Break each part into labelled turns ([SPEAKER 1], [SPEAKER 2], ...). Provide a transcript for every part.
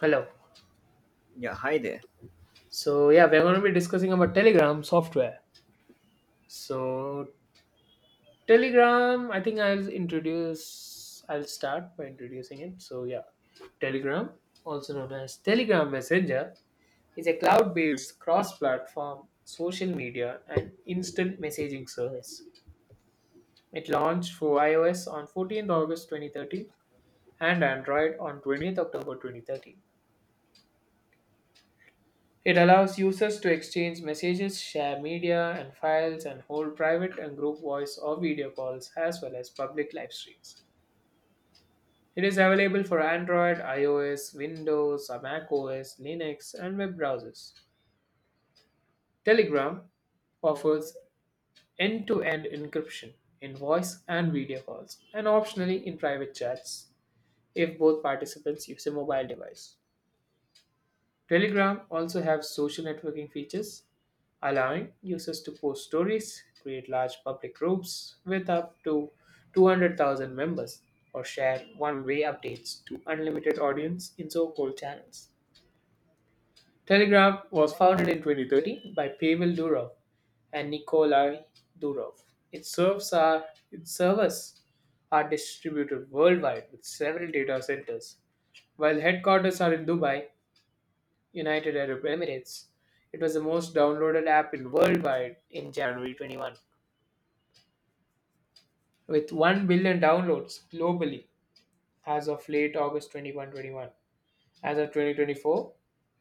[SPEAKER 1] Hello.
[SPEAKER 2] Yeah, hi there.
[SPEAKER 1] So yeah, we're going to be discussing about Telegram software. So Telegram, I think I'll introduce. I'll start by introducing it. So yeah, Telegram, also known as Telegram Messenger, is a cloud-based cross-platform social media and instant messaging service. It launched for iOS on 14th August 2013 and Android on 20th October 2013. It allows users to exchange messages, share media and files, and hold private and group voice or video calls as well as public live streams. It is available for Android, iOS, Windows, macOS, Linux, and web browsers. Telegram offers end to end encryption in voice and video calls, and optionally in private chats if both participants use a mobile device. Telegram also has social networking features, allowing users to post stories, create large public groups with up to 200,000 members, or share one-way updates to unlimited audience in so-called channels. Telegram was founded in 2013 by Pavel Durov and Nikolai Durov. Its serves are its servers are distributed worldwide with several data centers, while headquarters are in Dubai, United Arab Emirates. It was the most downloaded app in worldwide in January 21, with 1 billion downloads globally as of late August 21 21. As of 2024,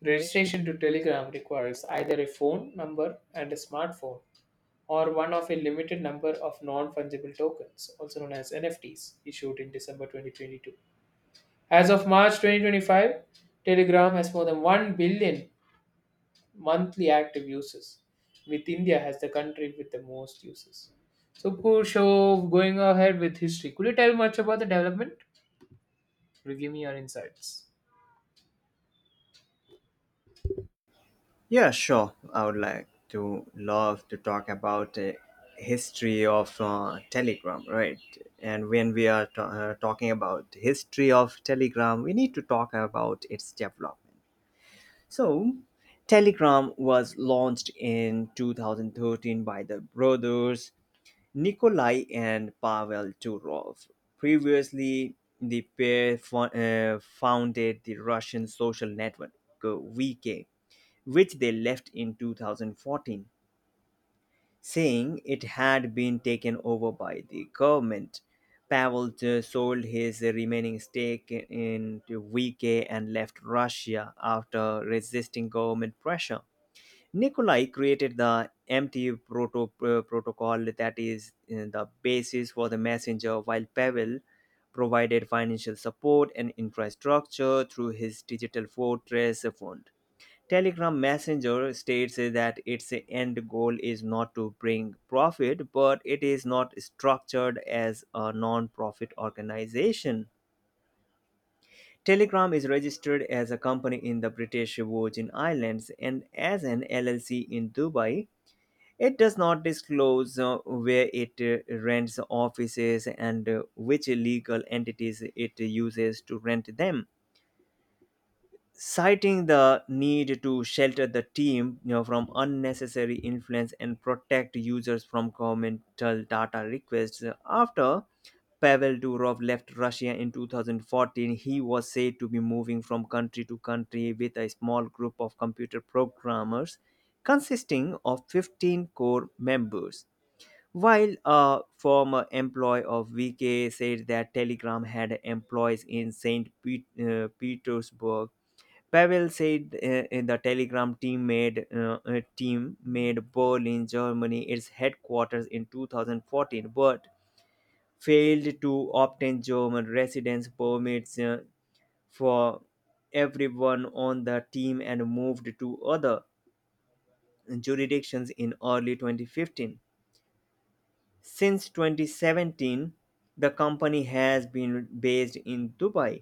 [SPEAKER 1] registration to Telegram requires either a phone number and a smartphone or one of a limited number of non-fungible tokens, also known as NFTs, issued in December 2022. As of March 2025, Telegram has more than 1 billion monthly active users, with India as the country with the most users. So, Kursho, going ahead with history, could you tell much about the development? Could you give me your insights?
[SPEAKER 2] Yeah, sure. I would like to love to talk about history of Telegram, right? And when we are talking about history of Telegram, we need to talk about its development. So, Telegram was launched in 2013 by the brothers Nikolai and Pavel Turov. Previously, the pair founded the Russian social network uh, VK, which they left in 2014, saying it had been taken over by the government. Pavel sold his remaining stake in to VK and left Russia after resisting government pressure. Nikolai created the empty protocol that is the basis for the messenger, while Pavel provided financial support and infrastructure through his digital fortress fund. Telegram Messenger states that its end goal is not to bring profit, but it is not structured as a non profit organization. Telegram is registered as a company in the British Virgin Islands and as an LLC in Dubai. It does not disclose where it rents offices and which legal entities it uses to rent them, citing the need to shelter the team, from unnecessary influence and protect users from governmental data requests. After Pavel Durov left Russia in 2014, he was said to be moving from country to country with a small group of computer programmers consisting of 15 core members. While a former employee of VK said that Telegram had employees in St. Petersburg, Pavel said in the Telegram team made Berlin, Germany, its headquarters in 2014, but failed to obtain German residence permits for everyone on the team, and moved to other jurisdictions in early 2015. Since 2017, the company has been based in Dubai.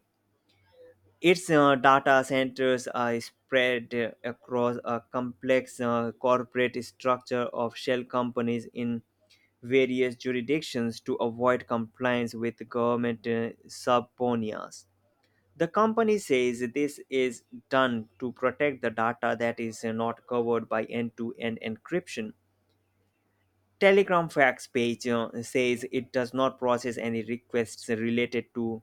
[SPEAKER 2] Its data centers are spread across a complex corporate structure of shell companies in various jurisdictions to avoid compliance with government subpoenas. The company says this is done to protect the data that is not covered by end to end encryption. Telegram facts page says it does not process any requests related to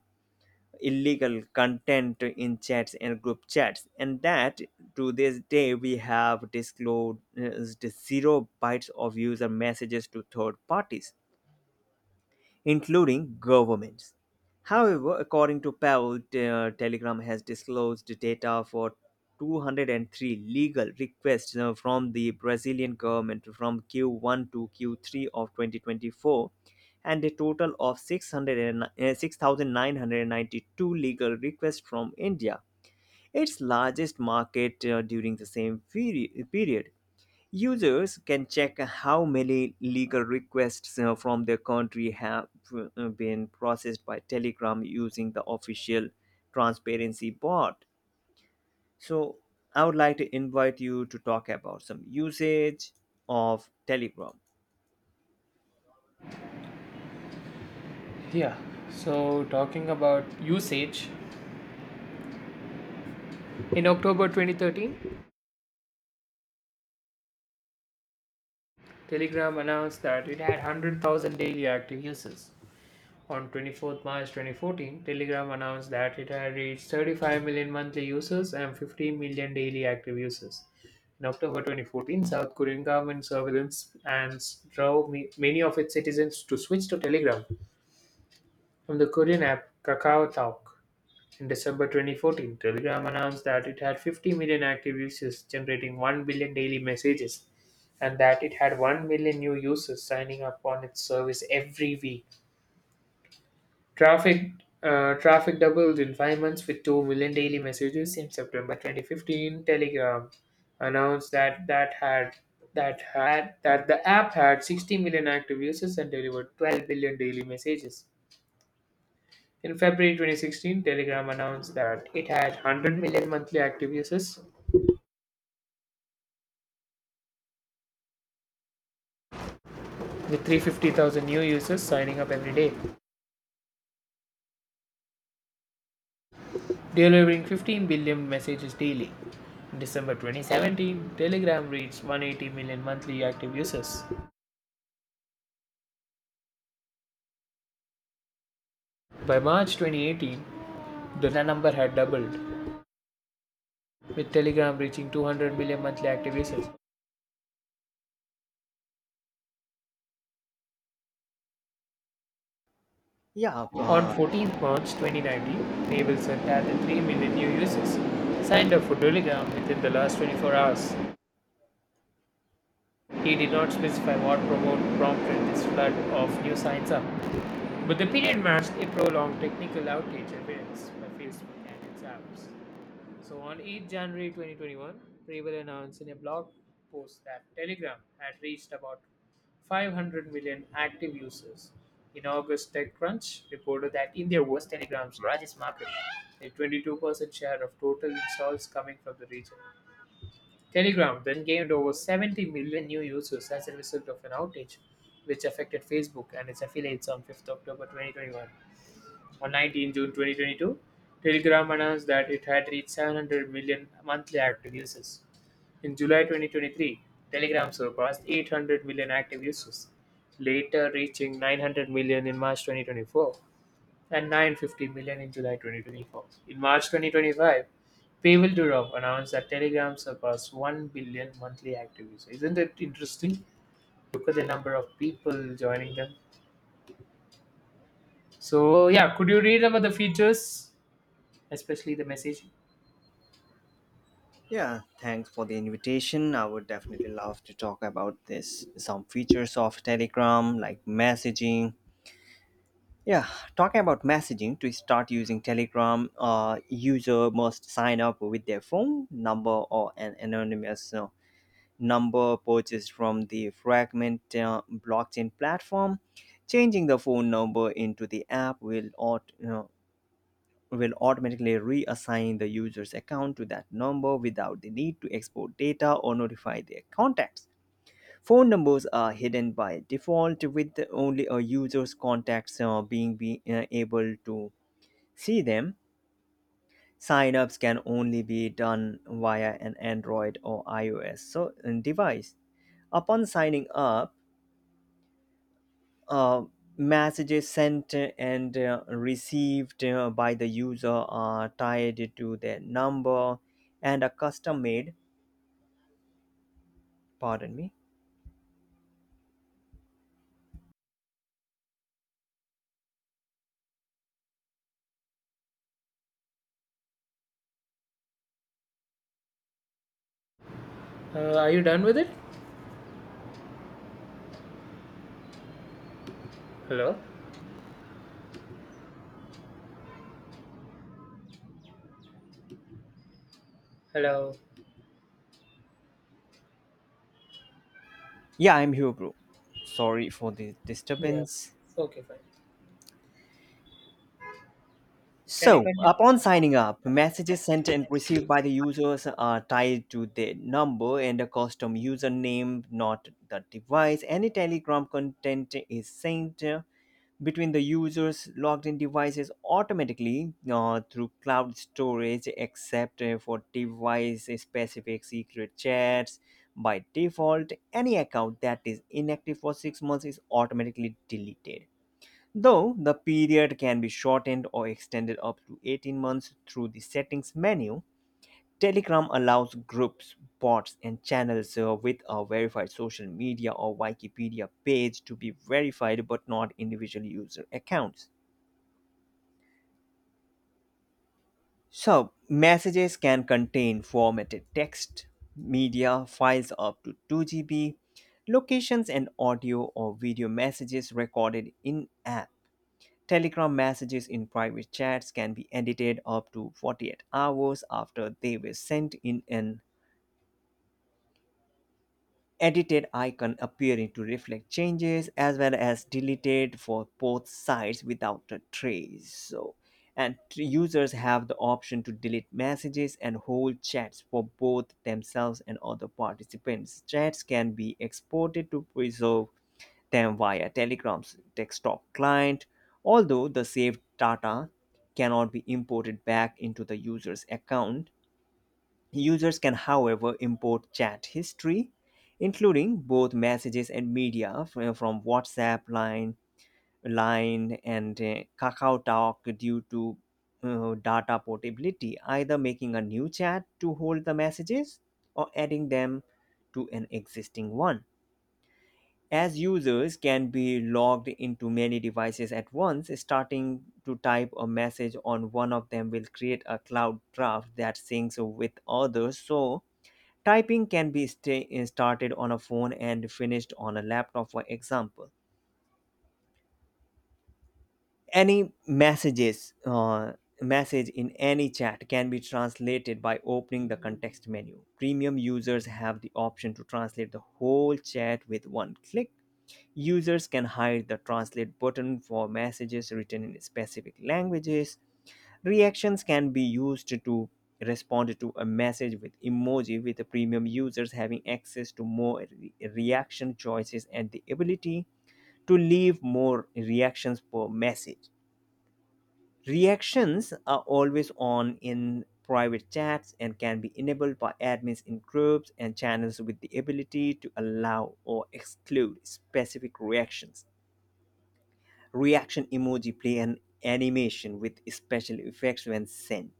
[SPEAKER 2] illegal content in chats and group chats, and that to this day we have disclosed zero bytes of user messages to third parties, including governments. However, according to Powell, Telegram has disclosed data for 203 legal requests from the Brazilian government from Q1 to Q3 of 2024, and a total of 600 6,992 legal requests from India, its largest market, during the same period. Users can check how many legal requests from their country have been processed by Telegram using the official transparency bot. So, I would like to invite you to talk about some usage of Telegram.
[SPEAKER 1] Yeah, so talking about usage, in October 2013, Telegram announced that it had 100,000 daily active users. On 24th March 2014, Telegram announced that it had reached 35 million monthly users and 15 million daily active users. In October 2014, South Korean government surveillance and drove many of its citizens to switch to Telegram from the Korean app KakaoTalk. In December 2014, Telegram announced that it had 50 million active users, generating 1 billion daily messages, and that it had 1 million new users signing up on its service every week. Traffic traffic doubled in 5 months with 2 million daily messages in September 2015. Telegram announced that that had that had that the app had 60 million active users and delivered 12 billion daily messages. In February 2016, Telegram announced that it had 100 million monthly active users with 350,000 new users signing up every day, delivering 15 billion messages daily. In December 2017, Telegram reached 180 million monthly active users. By March 2018, the number had doubled, with Telegram reaching 200 million monthly active users.
[SPEAKER 2] Yeah,
[SPEAKER 1] On
[SPEAKER 2] uh,
[SPEAKER 1] 14th March 2019, Nabelson had 3 million new users signed up for Telegram within the last 24 hours. He did not specify what prompted this flood of new signs up, but the period masked a prolonged technical outage events by Facebook and its apps. So on 8 January 2021, Preble announced in a blog post that Telegram had reached about 500 million active users. In August, TechCrunch reported that India was Telegram's largest market, a 22% share of total installs coming from the region. Telegram then gained over 70 million new users as a result of an outage, which affected Facebook and its affiliates on 5th October 2021. On 19 June 2022, Telegram announced that it had reached 700 million monthly active users. In July 2023, Telegram surpassed 800 million active users, later reaching 900 million in March 2024 and 950 million in July 2024. In March 2025, Pavel Durov announced that Telegram surpassed 1 billion monthly active users. Isn't it interesting? Look at the number of people joining them. So, yeah, could you read about the features, especially the messaging?
[SPEAKER 2] yeah, thanks for the invitation. I would definitely love to talk about this some features of Telegram like messaging. Yeah, talking about messaging, to start using Telegram, user must sign up with their phone number or an anonymous number purchased from the Fragment blockchain platform. Changing the phone number into the app will automatically reassign the user's account to that number without the need to export data or notify their contacts. Phone numbers are hidden by default, with only a user's contacts being able to see them. Signups can only be done via an android or ios device. Upon signing up, uh, messages sent and received by the user are tied to their number and are custom made. Pardon me.
[SPEAKER 1] Are you done with it? Hello? Hello.
[SPEAKER 2] Yeah, I'm hebrew. Sorry for the
[SPEAKER 1] Yeah.
[SPEAKER 2] disturbance.
[SPEAKER 1] Okay, fine. Can you
[SPEAKER 2] So,
[SPEAKER 1] continue?
[SPEAKER 2] upon signing up, messages sent and received by the users are tied to the number and a custom username, not the device. Any Telegram content is sent between the users' logged in devices automatically through cloud storage, except for device specific secret chats. By default, any account that is inactive for 6 months is automatically deleted, though the period can be shortened or extended up to 18 months through the settings menu. Telegram allows groups, bots, and channels with a verified social media or wikipedia page to be verified, but not individual user accounts. So messages can contain formatted text, media files up to 2 GB, locations, and audio or video messages recorded in app. Telegram messages in private chats can be edited up to 48 hours after they were sent, in an edited icon appearing to reflect changes, as well as deleted for both sides without a trace. So, and users have the option to delete messages and whole chats for both themselves and other participants. Chats can be exported to preserve them via Telegram's desktop client, although the saved data cannot be imported back into the user's account. Users can, however, import chat history, including both messages and media from WhatsApp, Line, and Kakao Talk due to data portability, either making a new chat to hold the messages or adding them to an existing one. As users can be logged into many devices at once, starting to type a message on one of them will create a cloud draft that syncs with others. So, typing can be started on a phone and finished on a laptop, for example. Any message in any chat can be translated by opening the context menu. Premium users have the option to translate the whole chat with one click. Users can hide the translate button for messages written in specific languages. Reactions can be used to respond to a message with emoji, with the premium users having access to more reaction choices and the ability to leave more reactions per message. Reactions are always on in private chats and can be enabled by admins in groups and channels, with the ability to allow or exclude specific reactions. Reaction emoji play an animation with special effects when sent.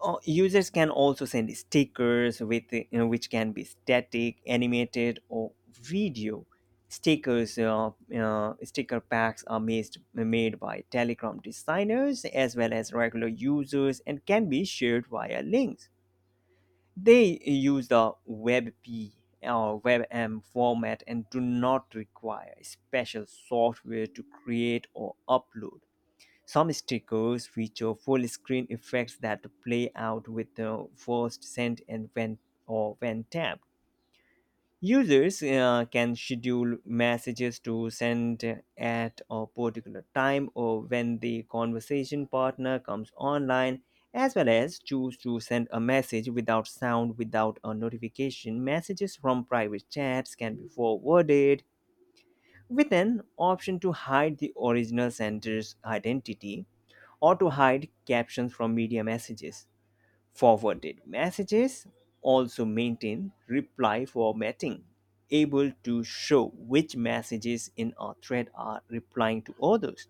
[SPEAKER 2] Users can also send stickers with you, which can be static, animated, or video. Stickers, uh, Sticker packs are made by Telegram designers as well as regular users, and can be shared via links. They use the WebP or WebM format and do not require special software to create or upload. Some stickers feature full screen effects that play out with the first sent and when tapped. Users can schedule messages to send at a particular time or when the conversation partner comes online, as well as choose to send a message without sound, without a notification. Messages from private chats can be forwarded with an option to hide the original sender's identity or to hide captions from media messages. Forwarded messages also maintain reply formatting, able to show which messages in a thread are replying to others.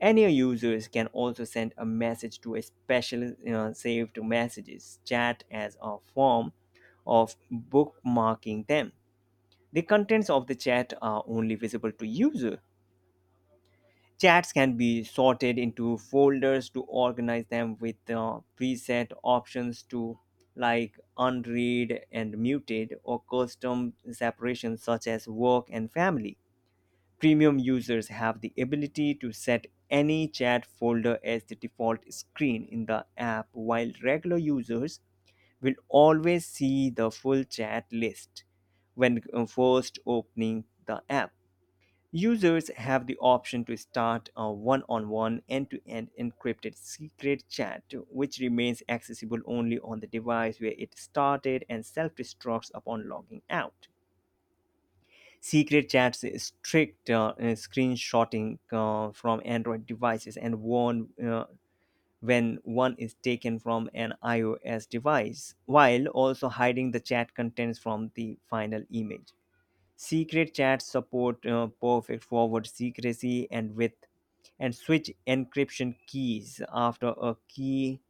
[SPEAKER 2] Any users can also send a message to a special saved messages chat as a form of bookmarking them. The contents of the chat are only visible to user. Chats can be sorted into folders to organize them with preset options to like unread and muted, or custom separations such as work and family. Premium users have the ability to set any chat folder as the default screen in the app, while regular users will always see the full chat list when first opening the app. Users have the option to start a one on one end to end encrypted secret chat, which remains accessible only on the device where it started and self destructs upon logging out. Secret chats restrict screenshotting from Android devices and warn when one is taken from an iOS device, while also hiding the chat contents from the final image. Secret chats support perfect forward secrecy, and with and switch encryption keys after a key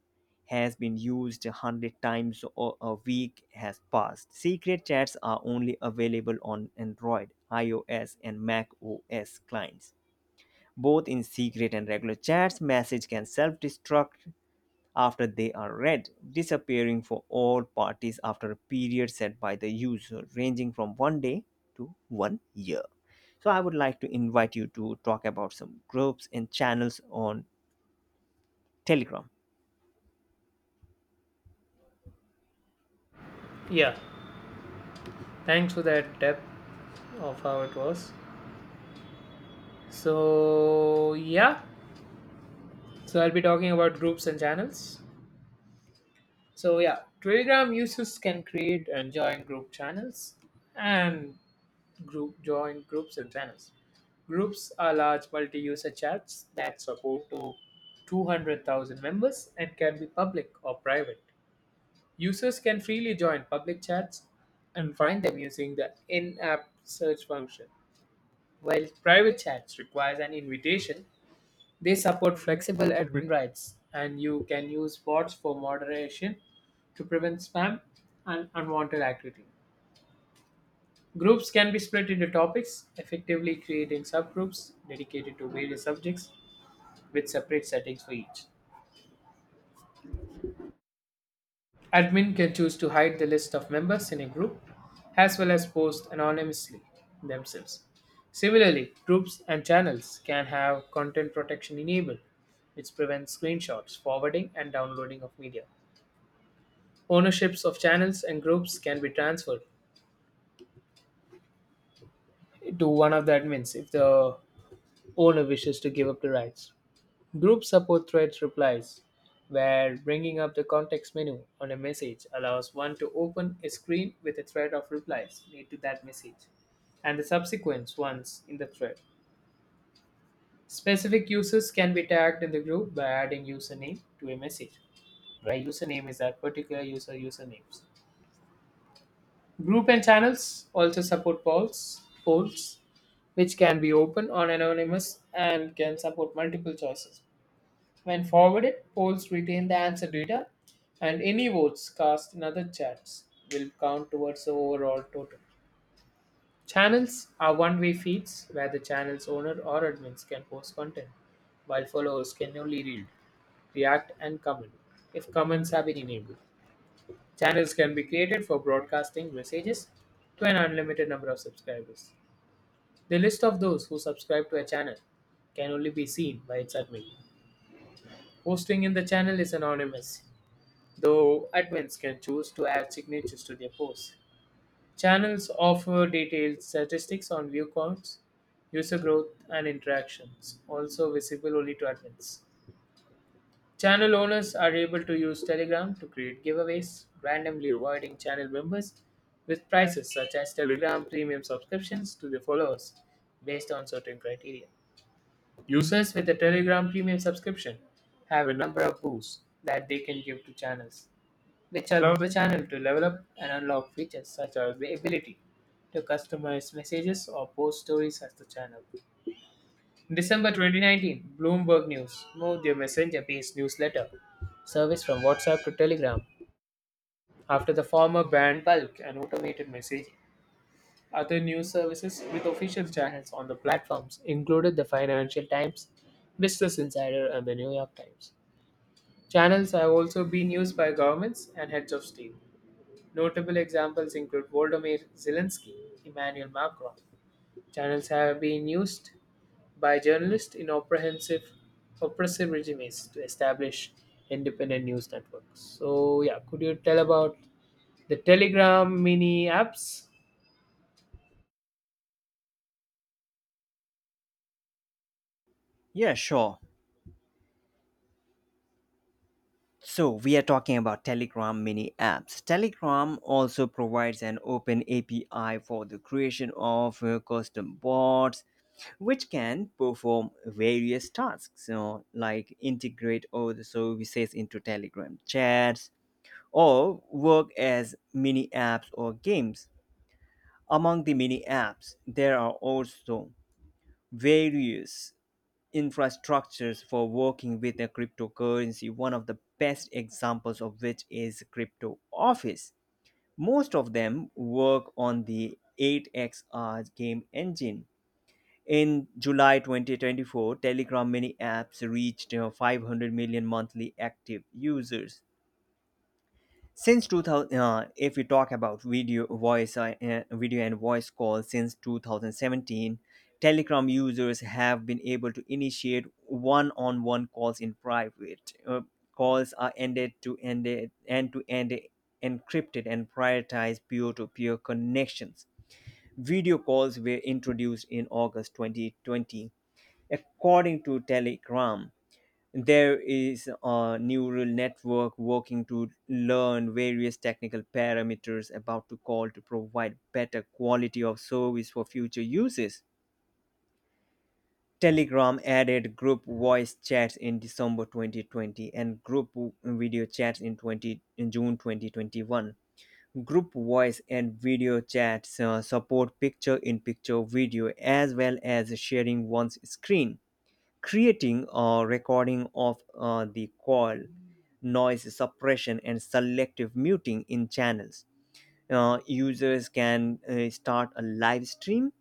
[SPEAKER 2] has been used 100 times or a week has passed. Secret chats are only available on Android, iOS, and Mac OS clients. Both in secret and regular chats, message can self-destruct after they are read, disappearing for all parties after a period set by the user, ranging from one day to one year. So, I would like to invite you to talk about some groups and channels on Telegram.
[SPEAKER 1] Yeah. Thanks for that depth of how it was. So, yeah. So, I'll be talking about groups and channels. So, yeah. Telegram users can create and join group channels and group join groups and channels. Groups are large multi user chats that support to 200,000 members and can be public or private. Users can freely join public chats and find them using the in app search function. While private chats requires an invitation, they support flexible admin rights and you can use bots for moderation to prevent spam and unwanted activity. Groups can be split into topics, effectively creating subgroups dedicated to various subjects with separate settings for each. Admin can choose to hide the list of members in a group as well as post anonymously themselves. Similarly, groups and channels can have content protection enabled, which prevents screenshots, forwarding, and downloading of media. Ownerships of channels and groups can be transferred to one of the admins if the owner wishes to give up the rights. Group support thread replies, where bringing up the context menu on a message allows one to open a screen with a thread of replies made to that message and the subsequent ones in the thread. Specific users can be tagged in the group by adding username to a message, where username is that particular user usernames. Group and channels also support polls, which can be open on anonymous and can support multiple choices. When forwarded, polls retain the answer data, and any votes cast in other chats will count towards the overall total. Channels are one way feeds where the channel's owner or admins can post content, while followers can only read, react, and comment if comments have been enabled. Channels can be created for broadcasting messages to an unlimited number of subscribers. The list of those who subscribe to a channel can only be seen by its admin. Posting in the channel is anonymous, though admins can choose to add signatures to their posts. Channels offer detailed statistics on view counts, user growth, and interactions, also visible only to admins. Channel owners are able to use Telegram to create giveaways, randomly rewarding channel members with prizes such as Telegram premium subscriptions to their followers based on certain criteria. Users with a Telegram premium subscription have a number of boosts that they can give to channels which allow the channel to develop and unlock features such as the ability to customize messages or post stories as the channel. In December 2019, Bloomberg News moved their messenger based newsletter service from WhatsApp to Telegram after the former banned bulk and automated messaging. Other news services with official channels on the platforms included the Financial Times, Business Insider, and the New York Times. Channels have also been used by governments and heads of state. Notable examples include Volodymyr Zelensky, Emmanuel Macron. Channels have been used by journalists in oppressive regimes to establish independent news networks. So, yeah, could you tell about the Telegram mini apps?
[SPEAKER 2] Yeah, sure. So, we are talking about Telegram mini apps. Telegram also provides an open API for the creation of custom bots, which can perform various tasks, like integrate all the services into Telegram chats or work as mini apps or games. Among the mini apps, there are also various infrastructures for working with a cryptocurrency, one of the best examples of which is Crypto Office. Most of them work on the 8XR game engine. In July 2024, Telegram mini apps reached 500 million monthly active users since 2000. If we talk about video voice, video and voice calls, since 2017 telegram users have been able to initiate one-on-one calls in private. Calls are ended to end end-to-end encrypted and prioritize peer-to-peer connections. Video calls were introduced in august 2020. According to telegram, there is a neural network working to learn various technical parameters about to call to provide better quality of service for future uses. Telegram added group voice chats in December 2020 and group video chats in 20 in June 2021. Group voice and video chats support picture-in-picture video, as well as sharing one's screen, creating a recording of the call, noise suppression, and selective muting in channels. Users can start a live stream.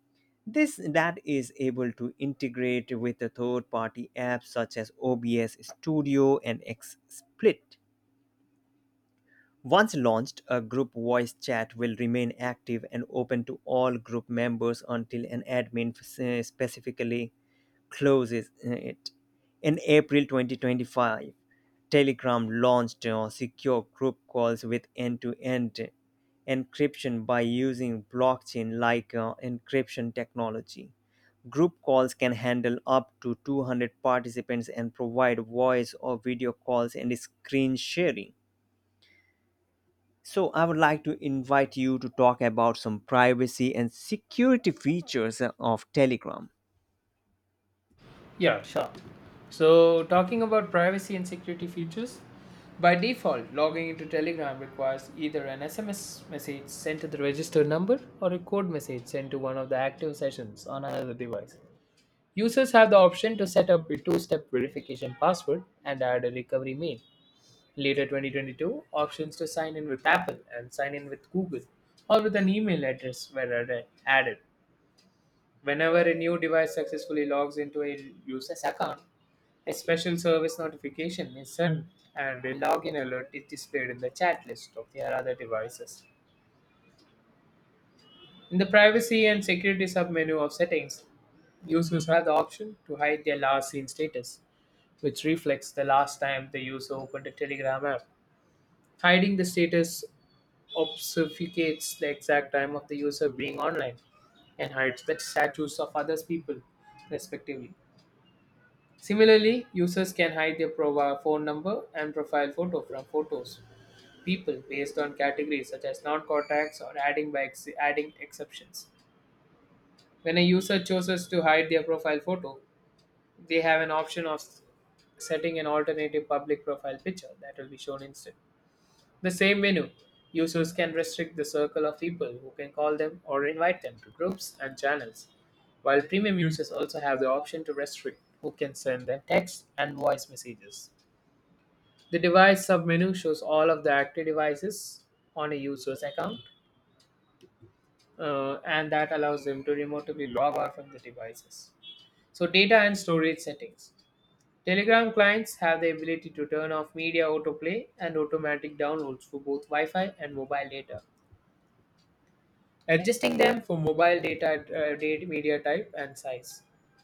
[SPEAKER 2] This that is able to integrate with the third-party apps such as OBS Studio and XSplit. Once launched, a group voice chat will remain active and open to all group members until an admin specifically closes it. In April 2025, Telegram launched secure group calls with end to end encryption by using blockchain like encryption technology. Group calls can handle up to 200 participants and provide voice or video calls and screen sharing. So, I would like to invite you to talk about some privacy and security features of Telegram.
[SPEAKER 1] Yeah, sure. So, talking about privacy and security features, by default, logging into Telegram requires either an SMS message sent to the registered number or a code message sent to one of the active sessions on another device. Users have the option to set up a two-step verification password and add a recovery mail. Later 2022, options to sign in with Apple and sign in with Google or with an email address were added. Whenever a new device successfully logs into a user's account, a special service notification is sent and a login alert is displayed in the chat list of their other devices. In the privacy and security submenu of settings, users have the option to hide their last seen status, which reflects the last time the user opened a Telegram app. Hiding the status obfuscates the exact time of the user being online and hides the status of others people, respectively. Similarly, users can hide their profile phone number and profile photo from photos people based on categories such as non-contacts or adding adding exceptions. When a user chooses to hide their profile photo, they have an option of setting an alternative public profile picture that will be shown instead. The same menu, users can restrict the circle of people who can call them or invite them to groups and channels, while premium users also have the option to restrict who can send them text and voice messages. The device submenu shows all of the active devices on a user's account and that allows them to remotely log out from the devices. So, data and storage settings. Telegram clients have the ability to turn off media autoplay and automatic downloads for both Wi Fi and mobile data adjusting them for mobile data media type and size.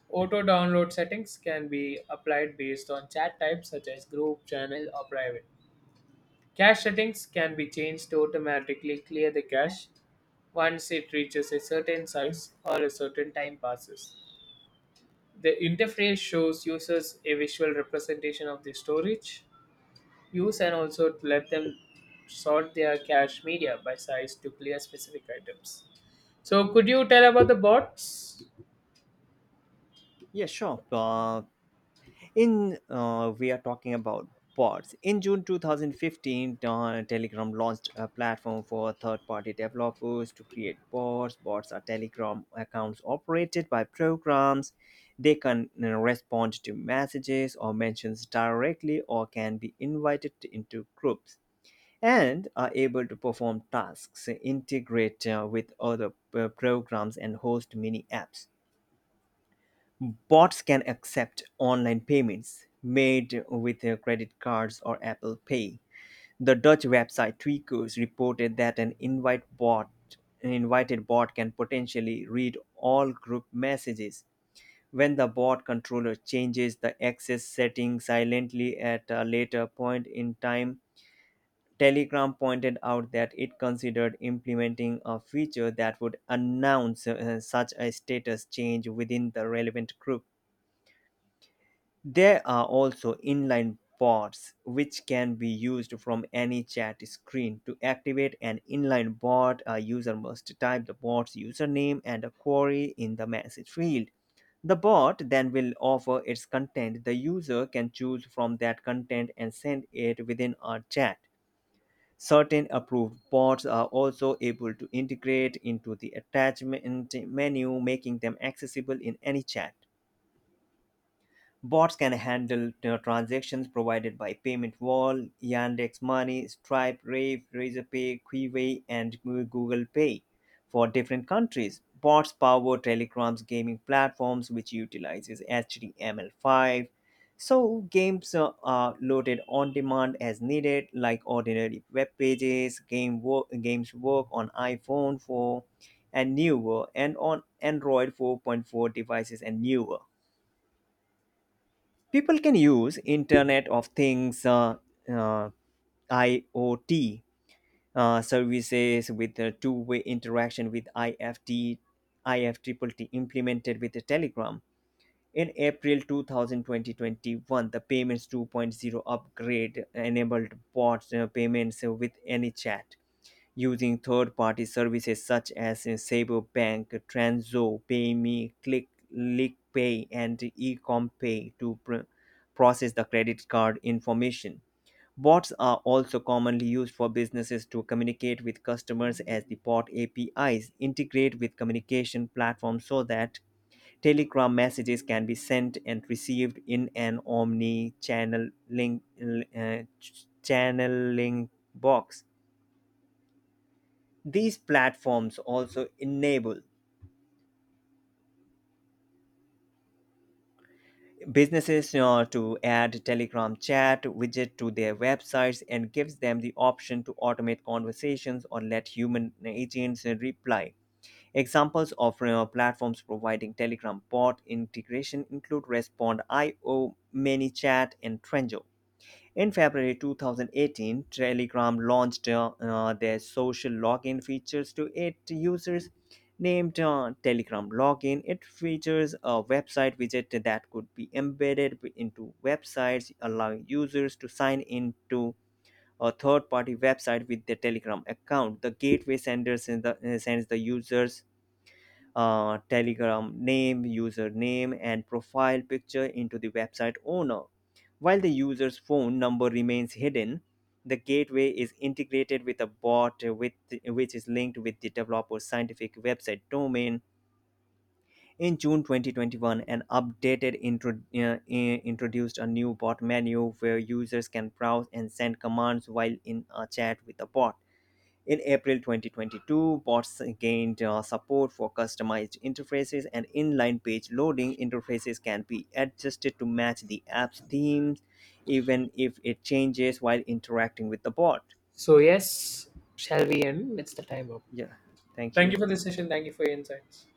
[SPEAKER 1] Auto download settings can be applied based on chat type such as group, channel, or private. Cache settings can be changed to automatically clear the cache once it reaches a certain size or a certain time passes. The interface shows users a visual representation of the storage. Use and also to let them sort their cache media by size to clear specific items. So could you tell about the bots?
[SPEAKER 2] Yeah, sure. In We are talking about bots. In June 2015, Telegram launched a platform for third-party developers to create bots. Bots are Telegram accounts operated by programs. They can, you know, respond to messages or mentions directly, or can be invited into groups and are able to perform tasks, integrate with other programs, and host mini apps. Bots can accept online payments made with credit cards or Apple Pay. The Dutch website Tweakers reported that an invited bot can potentially read all group messages when the bot controller changes the access setting silently at a later point in time. Telegram pointed out that it considered implementing a feature that would announce such a status change within the relevant group. There are also inline bots which can be used from any chat screen. To activate an inline bot, a user must type the bot's username and a query in the message field. The bot then will offer its content. The user can choose from that content and send it within our chat. Certain approved bots are also able to integrate into the attachment menu, making them accessible in any chat. Bots can handle, you know, transactions provided by Payment Wall, Yandex Money, Stripe, Rave, Razorpay, Qiway, and Google Pay for different countries. Bots power Telegram's gaming platforms, which utilizes HTML5. So games are loaded on demand as needed, like ordinary web pages. Games work on iPhone 4 and newer, and on Android 4.4 devices and newer. People can use internet of things uh, iot services with a two-way interaction with ifttt implemented with the telegram in april 2020. The payments 2.0 upgrade enabled bots payments with any chat using third-party services such as SaberBank, Transo, PayMe, Click, LickPay, and Ecompay to process the credit card information. Bots are also commonly used for businesses to communicate with customers as the bot APIs integrate with communication platforms so that Telegram messages can be sent and received in an omni-channel link, channeling box. These platforms also enable businesses, you know, to add Telegram chat widget to their websites and gives them the option to automate conversations or let human agents reply. Examples of, platforms providing Telegram bot integration include Respond.io, ManyChat, and Trenjo. In February 2018, Telegram launched their social login features to its users. Named Telegram Login, it features a website widget that could be embedded into websites, allowing users to sign into a third party website with their Telegram account. The gateway senders in the, sends the users telegram name, username, and profile picture into the website owner. While the user's phone number remains hidden, the gateway is integrated with a bot, which is linked with the developer's scientific website domain. In June 2021, an updated introduced a new bot menu where users can browse and send commands while in a chat with a bot. In April 2022, bots gained support for customized interfaces and inline page loading interfaces can be adjusted to match the app's themes, even if it changes while interacting with the bot.
[SPEAKER 1] So yes, shall we end? It's the time up.
[SPEAKER 2] Yeah, thank
[SPEAKER 1] Thank
[SPEAKER 2] you.
[SPEAKER 1] you for the session. Thank you for your insights.